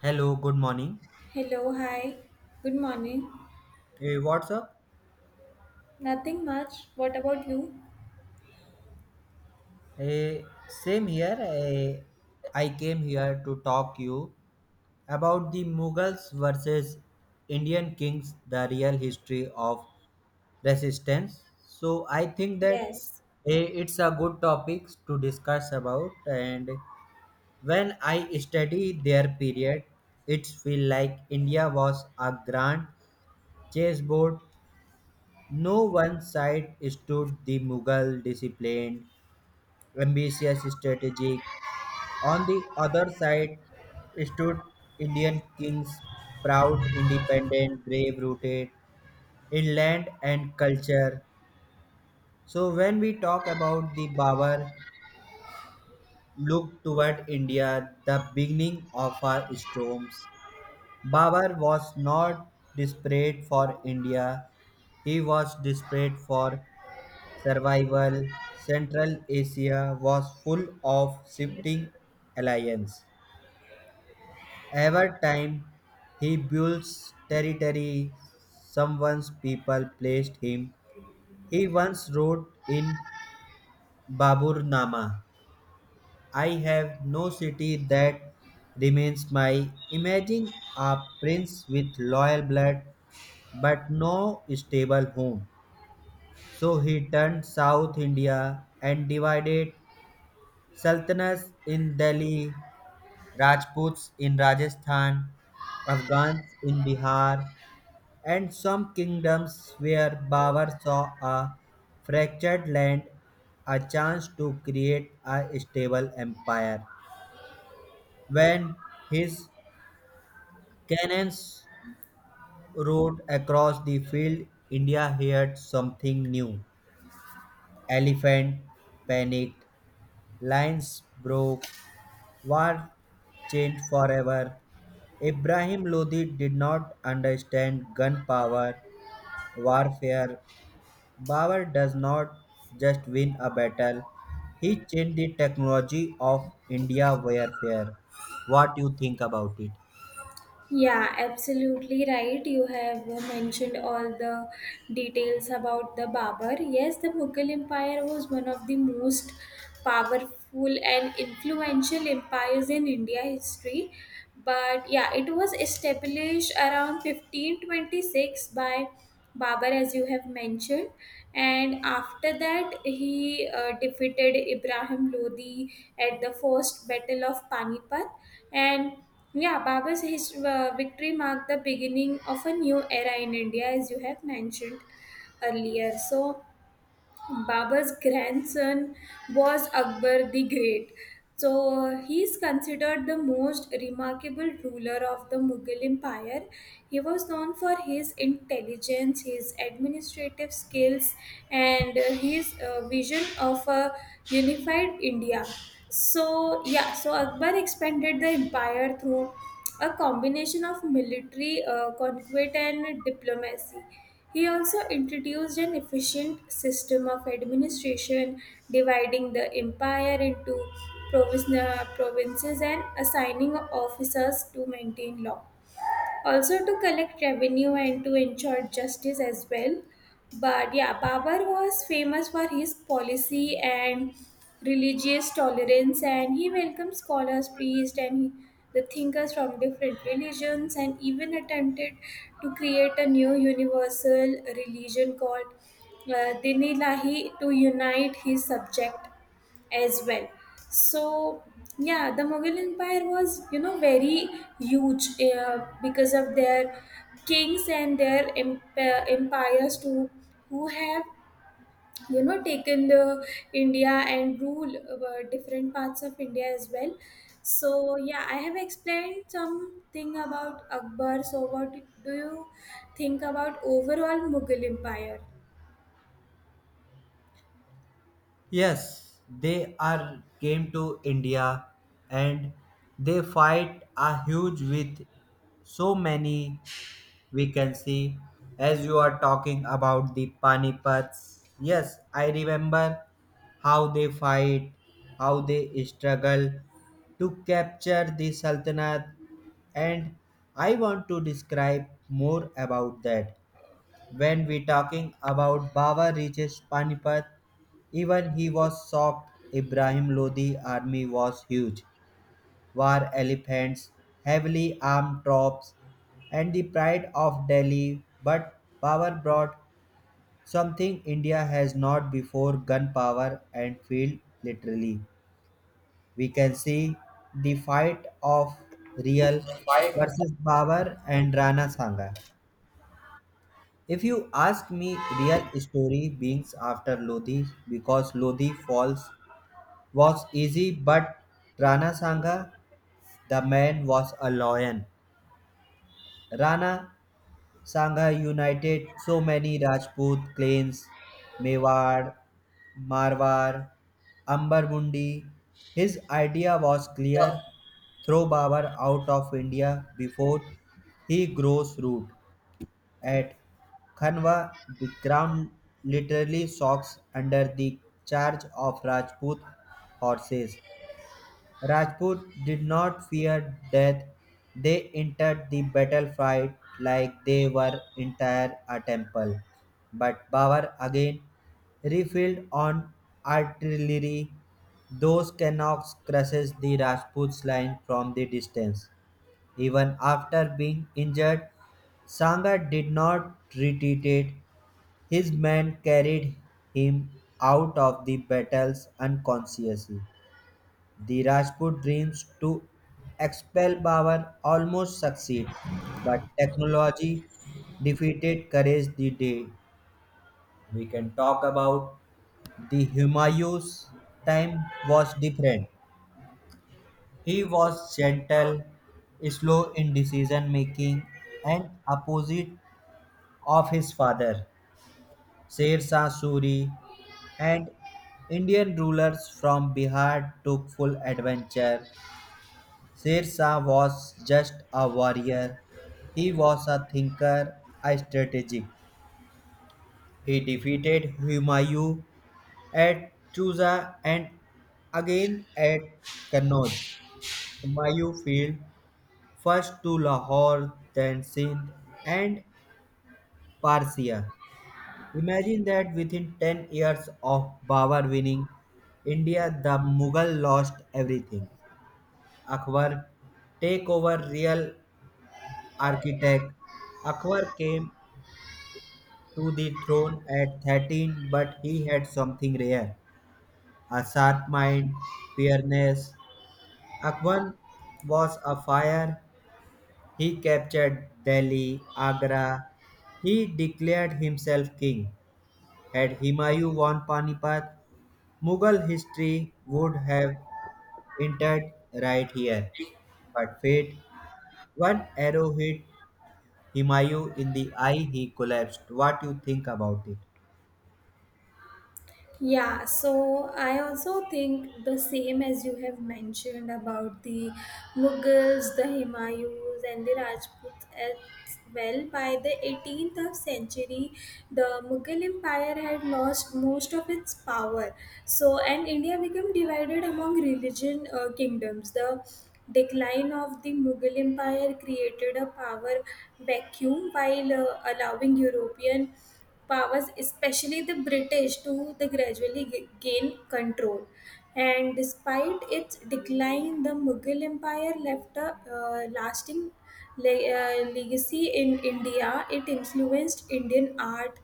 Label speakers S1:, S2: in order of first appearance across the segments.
S1: Hello, good morning.
S2: Hello, hi. Good morning.
S1: Hey, what's up?
S2: Nothing much. What about you?
S1: Hey, same here. I came here to talk you about the Mughals versus Indian kings, the real history of resistance. So I think that
S2: Yes.
S1: it's a good topic to discuss about. And when I study their period, it feel like India was a grand chessboard. No one side stood the Mughal disciplined, ambitious strategic. On the other side stood Indian kings, proud, independent, brave rooted in land and culture. So when we talk about the Babar look toward India, the beginning of our storms. Babar was not desperate for India, he was desperate for survival. Central Asia was full of shifting alliances. Every time he builds territory, someone's people placed him. He once wrote in Baburnama, I have no city that remains my. Imagine a prince with loyal blood but no stable home. So he turned South India and divided Sultanas in Delhi, Rajputs in Rajasthan, Afghans in Bihar, and some kingdoms where Babur saw a fractured land, a chance to create a stable empire. When his cannons roared across the field, India heard something new. Elephant panicked, lions broke, war changed forever. Ibrahim Lodi did not understand gun power warfare. Bauer does not just win a battle, he changed the technology of India warfare. What you think about it?
S2: Yeah, absolutely right. You have mentioned all the details about the Babur. Yes, the Mughal Empire was one of the most powerful and influential empires in India history. But yeah, it was established around 1526 by Babur, as you have mentioned. And after that, he defeated Ibrahim Lodi at the first Battle of Panipat. And yeah, Baba's victory marked the beginning of a new era in India, as you have mentioned earlier. So, Baba's grandson was Akbar the Great. So, he is considered the most remarkable ruler of the Mughal Empire. He was known for his intelligence, his administrative skills, and his vision of a unified India. So, yeah, so Akbar expanded the empire through a combination of military conquest and diplomacy. He also introduced an efficient system of administration, dividing the empire into provinces and assigning officers to maintain law also to collect revenue and to ensure justice as well. But yeah, Babar was famous for his policy and religious tolerance, and he welcomed scholars, priests, and the thinkers from different religions, and even attempted to create a new universal religion called Dinilahi to unite his subject as well. So yeah, the Mughal Empire was very huge because of their kings and their empires too, who have taken the India and rule different parts of India as well. So yeah, I have explained something about Akbar. So what do you think about overall Mughal Empire?
S1: Yes, they are came to India and they fight a huge with so many we can see. As you are talking about the panipats, yes, I remember how they fight, how they struggle to capture the sultanate. And I want to describe more about that. When we talking about baba reaches panipat, even he was shocked. Ibrahim lodi army was huge, war elephants, heavily armed troops, and the pride of Delhi. But power brought something India has not before, gun power and field literally. We can see the fight of real
S2: Fight of
S1: versus Babar and Rana Sangha. If you ask me, real story beings after Lodi because Lodi falls was easy, but Rana Sangha, the man was a lion. Rana Shanghai united so many Rajput clans, Mewar, Marwar, Ambarmundi. His idea was
S2: the.
S1: clear, throw Babur out of India before he grows root. At Khanwa, the ground literally shocks under the charge of Rajput horses. Rajput did not fear death; they entered the battlefield like they were entire a temple. But Babur again refilled on artillery. Those cannons crushed the Rajput's line from the distance. Even after being injured, Sanga did not retreat. His men carried him out of the battles unconsciously. The Rajput dreams to expel power almost succeed, but technology defeated courage the day. We can talk about the Humayun's time was different. He was gentle, slow in decision making, and opposite of his father, Sher Shah Suri, and Indian rulers from Bihar took full adventure. Sirsa was just a warrior. He was a thinker, a strategist. He defeated Humayun at Chuza and again at Kannauj. Humayun fled first to Lahore, then Sindh and Persia. Imagine that within 10 years of Babur winning India, the Mughal lost everything. Akbar take over real architect. Akbar came to the throne at 13, but he had something rare, a sharp mind, fairness. Akbar was a fire. He captured Delhi, Agra. He declared himself king. Had Humayun won Panipat, Mughal history would have entered right here. But fate, one arrow hit Humayun in the eye, he collapsed. What do you think about it?
S2: Yeah, so I also think the same as you have mentioned about the Mughals, the Himayus, and the Rajputs as well. By the 18th of century, the Mughal Empire had lost most of its power. So, and India became divided among religion kingdoms. The decline of the Mughal Empire created a power vacuum while allowing European powers, especially the British, to the gain control. And despite its decline, the Mughal Empire left a lasting legacy in India. It influenced Indian art,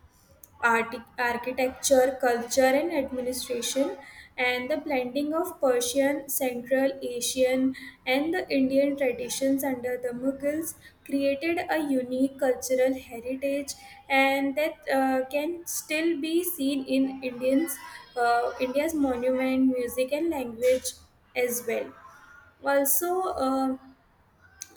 S2: architecture, culture, and administration, and the blending of Persian, Central Asian, and the Indian traditions under the Mughals created a unique cultural heritage, and that can still be seen in Indians, India's monument, music, and language as well. Also, um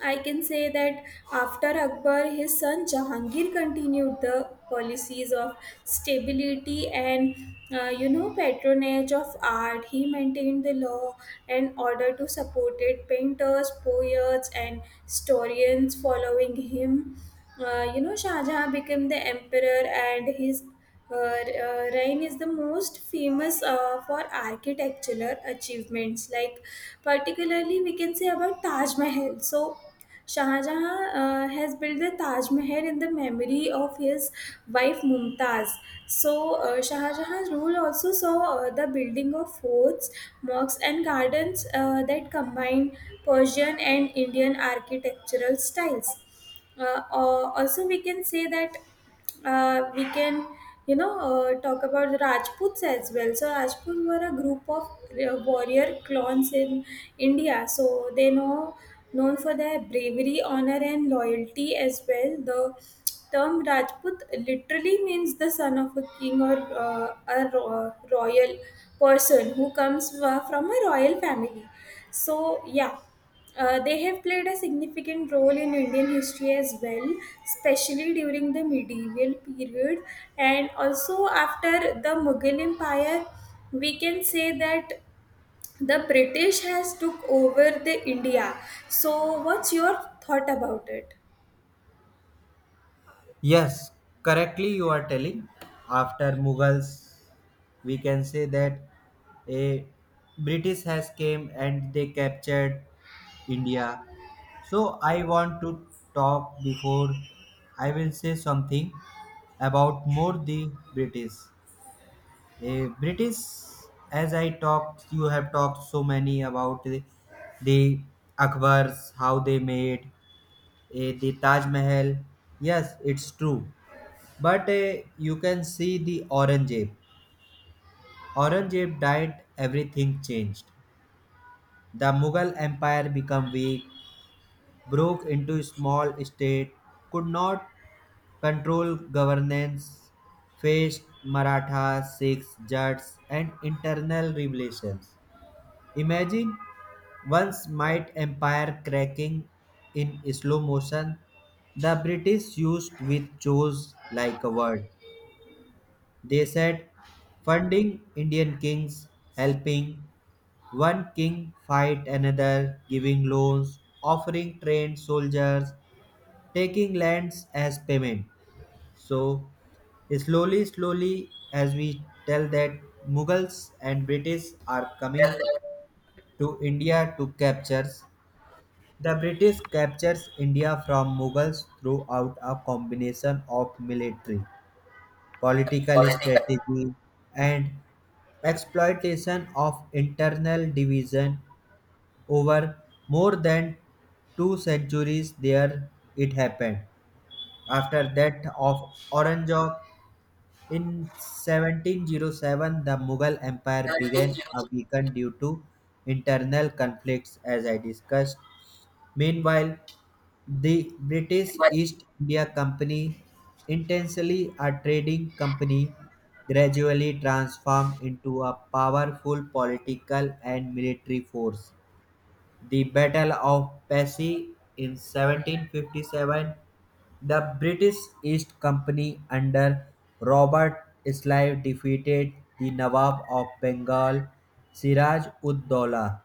S2: I can say that after Akbar, his son Jahangir continued the policies of stability and patronage of art. He maintained the law and order to support it. Painters, poets, and historians following him. Shah Jahan became the emperor, and his Rain is the most famous for architectural achievements, like particularly we can say about Taj Mahal. So, Shah Jahan has built the Taj Mahal in the memory of his wife Mumtaz. So, Shah Jahan's rule also saw the building of forts, mosques, and gardens that combine Persian and Indian architectural styles or also we can say that we can you know talk about the rajputs as well. So rajputs were a group of warrior clans in india. So they known for their bravery honor and loyalty as well. The term rajput literally means the son of a king or a royal person who comes from a royal family. So yeah, they have played a significant role in Indian history as well, especially during the medieval period and also after the Mughal Empire. We can say that the British has took over the India. So, what's your thought about
S1: Yes, correctly you are telling. After Mughals, we can say that a British has came and they captured India. So I want to talk before I will say something about more the British. A British, as I talked, you have talked so many about the Akbars, how they made the Taj Mahal. Yes, it's true, but you can see the Aurangzeb. Aurangzeb died, everything changed. The Mughal Empire became weak, broke into small state, could not control governance, faced Maratha, Sikhs, Jats, and internal revelations. Imagine once might empire cracking in slow motion, the British used with chose like a word. They said funding Indian kings, helping one king fight another, giving loans, offering trained soldiers, taking lands as payment. So, slowly, slowly, as we tell that Mughals and British are coming to India to captures. The British captures India from Mughals throughout a combination of military, political
S2: it?
S1: strategy, and exploitation of internal division over more than two centuries there it happened. After that of orange in 1707, the Mughal Empire began a weaken due to internal conflicts, as I discussed. Meanwhile, the British East India Company, intensely a trading company, gradually transformed into a powerful political and military force. The Battle of Passy in 1757, the British East Company under Robert Clive defeated the Nawab of Bengal Siraj-ud-Doula.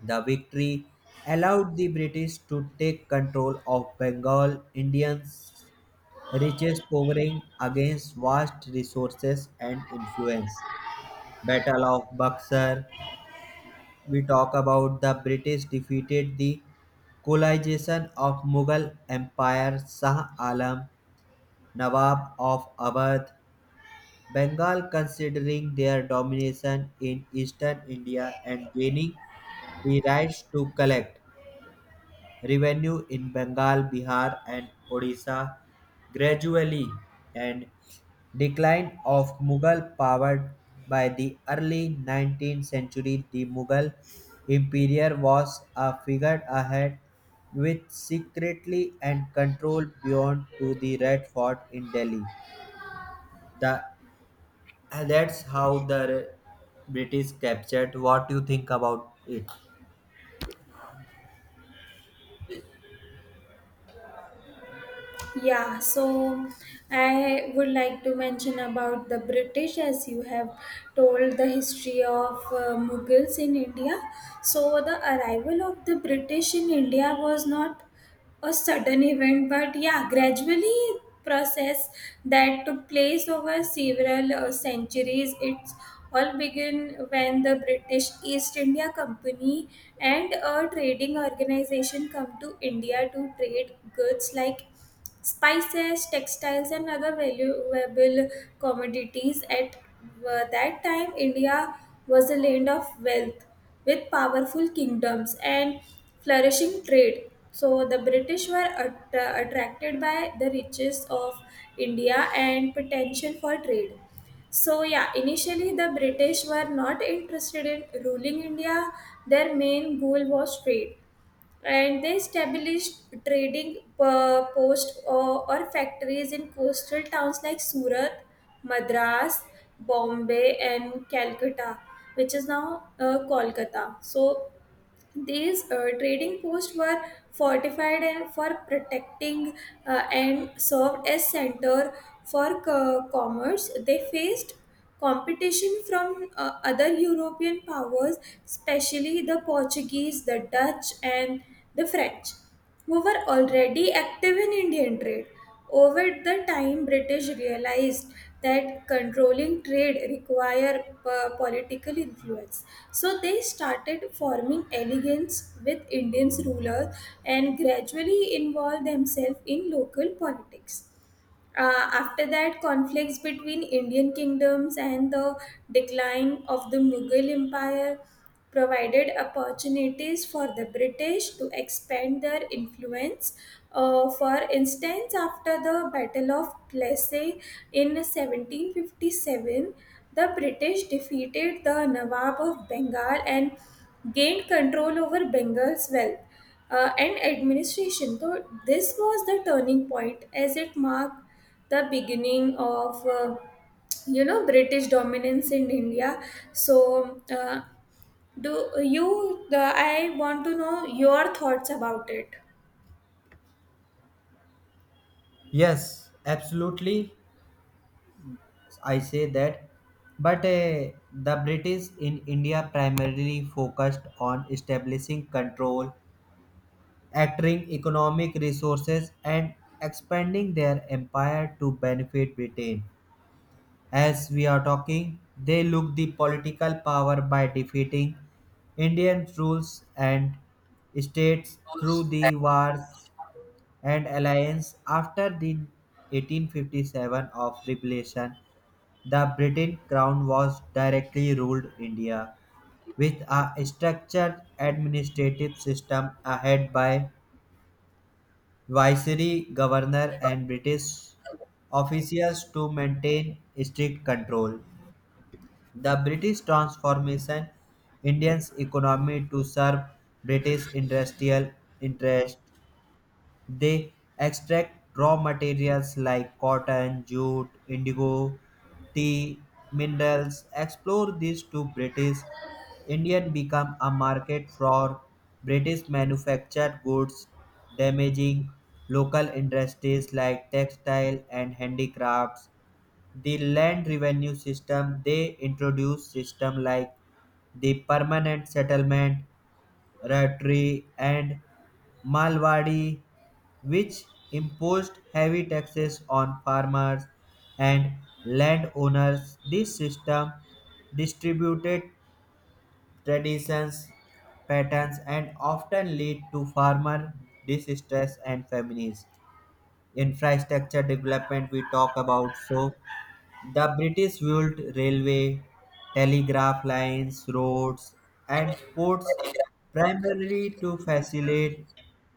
S1: The victory allowed the British to take control of Bengal Indians' riches covering against vast resources and influence. Battle of Buxar we talk about the British defeated the colonization of Mughal Empire, Shah Alam, Nawab of Awadh, Bengal considering their domination in eastern India and gaining the rights to collect revenue in Bengal, Bihar, and Odisha gradually. And Decline of Mughal power. By the early 19th century the Mughal empire was a figurehead with secretly and control beyond to the Red Fort in Delhi. The, that's how the British captured. What do you think about it?
S2: Yeah, so I would like to mention about the British as you have told the history of Mughals in India. So, the arrival of the British in India was not a sudden event, but yeah, gradually process that took place over several centuries. It's all began when the British East India Company and a trading organization come to India to trade goods like spices, textiles, and other valuable commodities. At that time, India was a land of wealth with powerful kingdoms and flourishing trade. So the British were attracted by the riches of India and potential for trade. So, yeah, initially the British were not interested in ruling India. Their main goal was trade and they established trading posts or factories in coastal towns like Surat, Madras, Bombay, and Calcutta, which is now Kolkata. So these trading posts were fortified and for protecting and served as center for commerce. They faced competition from other European powers, especially the Portuguese, the Dutch, and the French, who were already active in Indian trade. Over the time, British realized that controlling trade required political influence. So they started forming alliances with Indian rulers and gradually involved themselves in local politics. After that, conflicts between Indian kingdoms and the decline of the Mughal Empire provided opportunities for the British to expand their influence. For instance, after the Battle of Plassey in 1757, the British defeated the Nawab of Bengal and gained control over Bengal's wealth and administration. So this was the turning point as it marked the beginning of British dominance in India. So do you? The, I want to know your thoughts about it.
S1: Yes, absolutely. I say that. But the British in India primarily focused on establishing control, acquiring economic resources and expanding their empire to benefit Britain. As we are talking, they look the political power by defeating Indian rules and states through the wars and alliance. After the 1857 of revolution, the British crown was directly ruled India with a structured administrative system headed by viceroy, governor, and British officials to maintain strict control. The British transformation Indians' economy to serve British industrial interests, they extract raw materials like cotton, jute, indigo, tea, minerals. Explore these to British. Indian become a market for British manufactured goods, damaging local industries like textile and handicrafts. The land revenue system they introduce system like the permanent settlement Ratri, and Malwadi, which imposed heavy taxes on farmers and landowners. This system distributed traditions, patterns, and often lead to farmer distress and famines. Infrastructure development we talk about. So the British built railway, telegraph lines, roads, and ports primarily to facilitate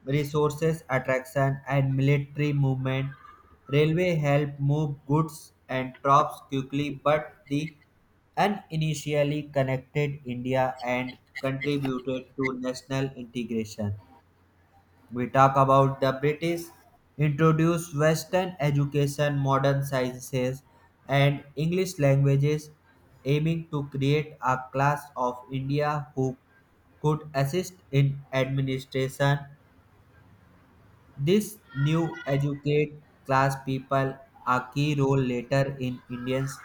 S1: resources attraction and military movement. Railway helped move goods and troops quickly, but the uninitially connected India and contributed to national integration. We talk about the British introduced Western education, modern sciences, and English languages, aiming to create a class of India who could assist in administration. This new educate class people a key role later in Indians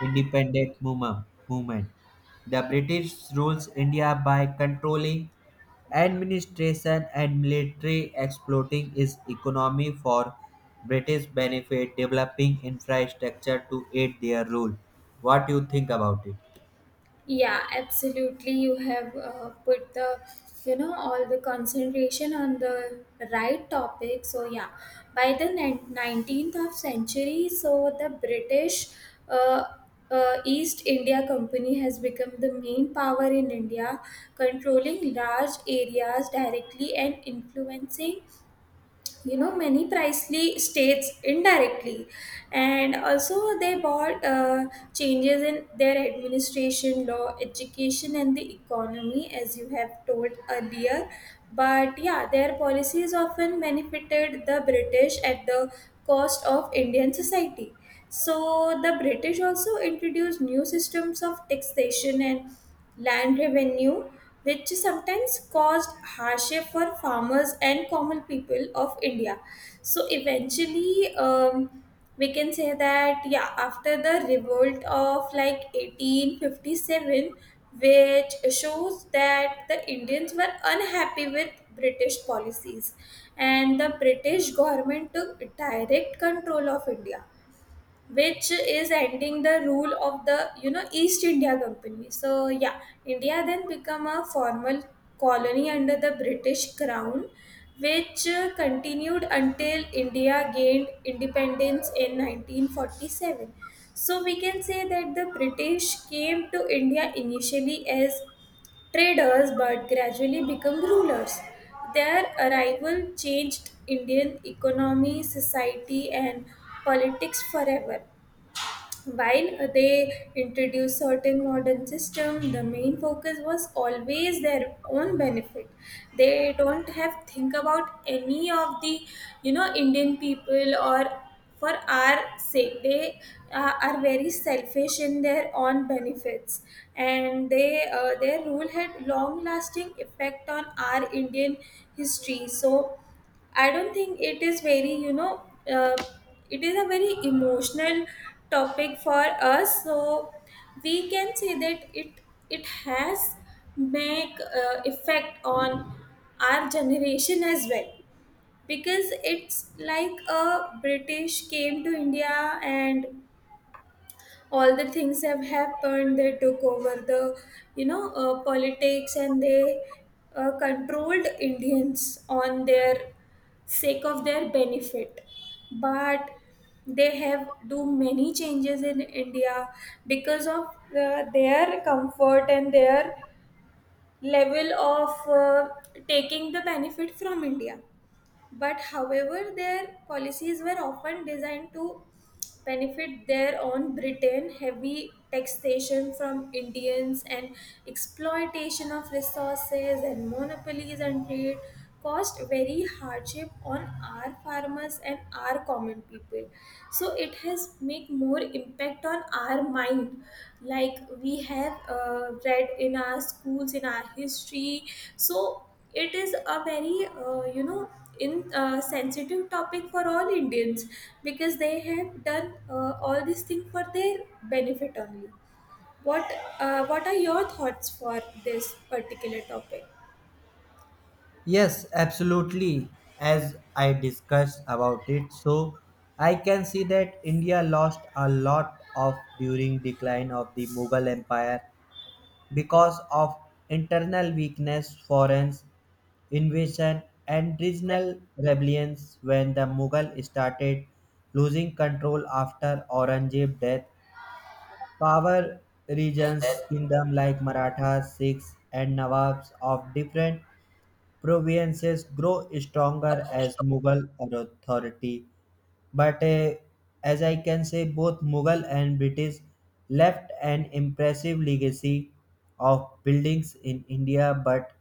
S1: independent movement. The British rules India by controlling administration and military exploiting its economy for British benefit, developing infrastructure to aid their rule. What do you think about it?
S2: Yeah, absolutely. You have put the, all the concentration on the right topic. So yeah, by the 19th of century, so the British uh, East India Company has become the main power in India, controlling large areas directly and influencing many pricely states indirectly, and also they bought changes in their administration law education and the economy as you have told earlier. But yeah, their policies often benefited the british at the cost of indian society. So the british also introduced new systems of taxation and land revenue, which sometimes caused hardship for farmers and common people of India. So eventually, we can say that yeah, after the revolt of like 1857, which shows that the Indians were unhappy with British policies, and the British government took direct control of India, which is ending the rule of the east india company. So yeah, india then become a formal colony under the british crown, which continued until india gained independence in 1947. So we can say that the british came to india initially as traders but gradually become rulers. Their arrival changed indian economy society and politics forever. While they introduced certain modern system, the main focus was always their own benefit. They don't have think about any of the Indian people or for our sake. They are very selfish in their own benefits, and they their rule had long lasting effect on our Indian history. So I don't think it is very, uh, it is a very emotional topic for us. So we can say that it has make effect on our generation as well, because it's like a British came to India and all the things have happened. They took over the politics and they controlled Indians on their sake of their benefit, but they have do many changes in india because of their comfort and their level of taking the benefit from india. But however, their policies were often designed to benefit their own Britain, heavy taxation from Indians and exploitation of resources and monopolies and trade caused very hardship on our farmers and our common people. So it has make more impact on our mind, like we have read in our schools in our history. So it is a very you know in sensitive topic for all Indians, because they have done all this thing for their benefit only. What what are your thoughts for this particular topic?
S1: Yes, absolutely. As I discussed about it, so I can see that India lost a lot of during decline of the Mughal Empire because of internal weakness, foreign invasion, and regional rebellions. When the Mughal started losing control after Aurangzeb death, power regions, kingdom like Marathas, Sikhs, and Nawabs of different Provinces grow stronger as Mughal authority. But as I can say, both Mughal and British left an impressive legacy of buildings in India, but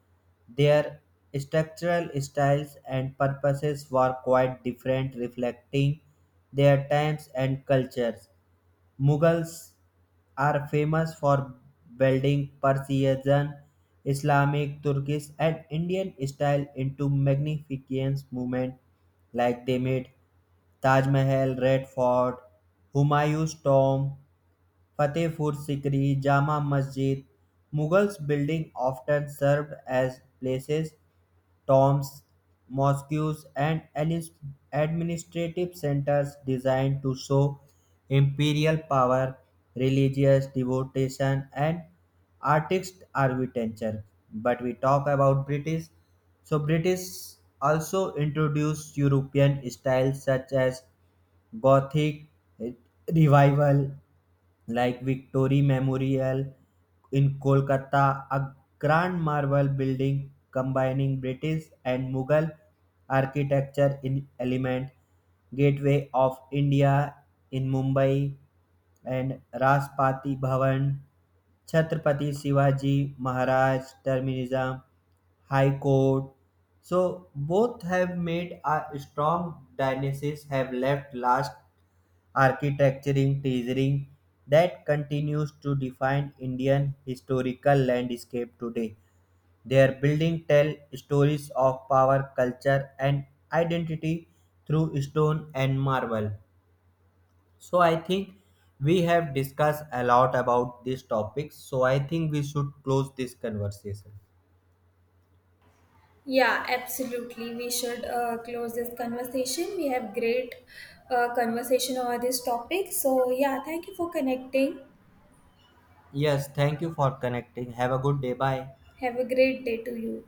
S1: their structural styles and purposes were quite different, reflecting their times and cultures. Mughals are famous for building Persian, Islamic, Turkish, and Indian style into magnificent movement, like they made Taj Mahal, Red Fort, Humayun's tomb, Fatehpur Sikri, Jama Masjid. Mughals building often served as places, tombs, mosques, and administrative centers designed to show imperial power, religious devotion, and artist architecture. But we talk about British. So British also introduced European styles such as Gothic revival, like Victory Memorial in Kolkata, a grand marble building combining British and Mughal architecture in element, Gateway of India in Mumbai, and Rashtrapati Bhavan, Chhatrapati Shivaji Maharaj Terminism, High Court. So both have made a strong dynasties have left last architecturing treasuring that continues to define Indian historical landscape today. Their buildings tell stories of power, culture, and identity through stone and marble. So I think we have discussed a lot about these topics. So I think we should close this conversation.
S2: Yeah, absolutely. We should close this conversation. We have great conversation over this topic. So yeah, thank you for connecting.
S1: Yes, thank you for connecting. Have a good day. Bye.
S2: Have a great day to you.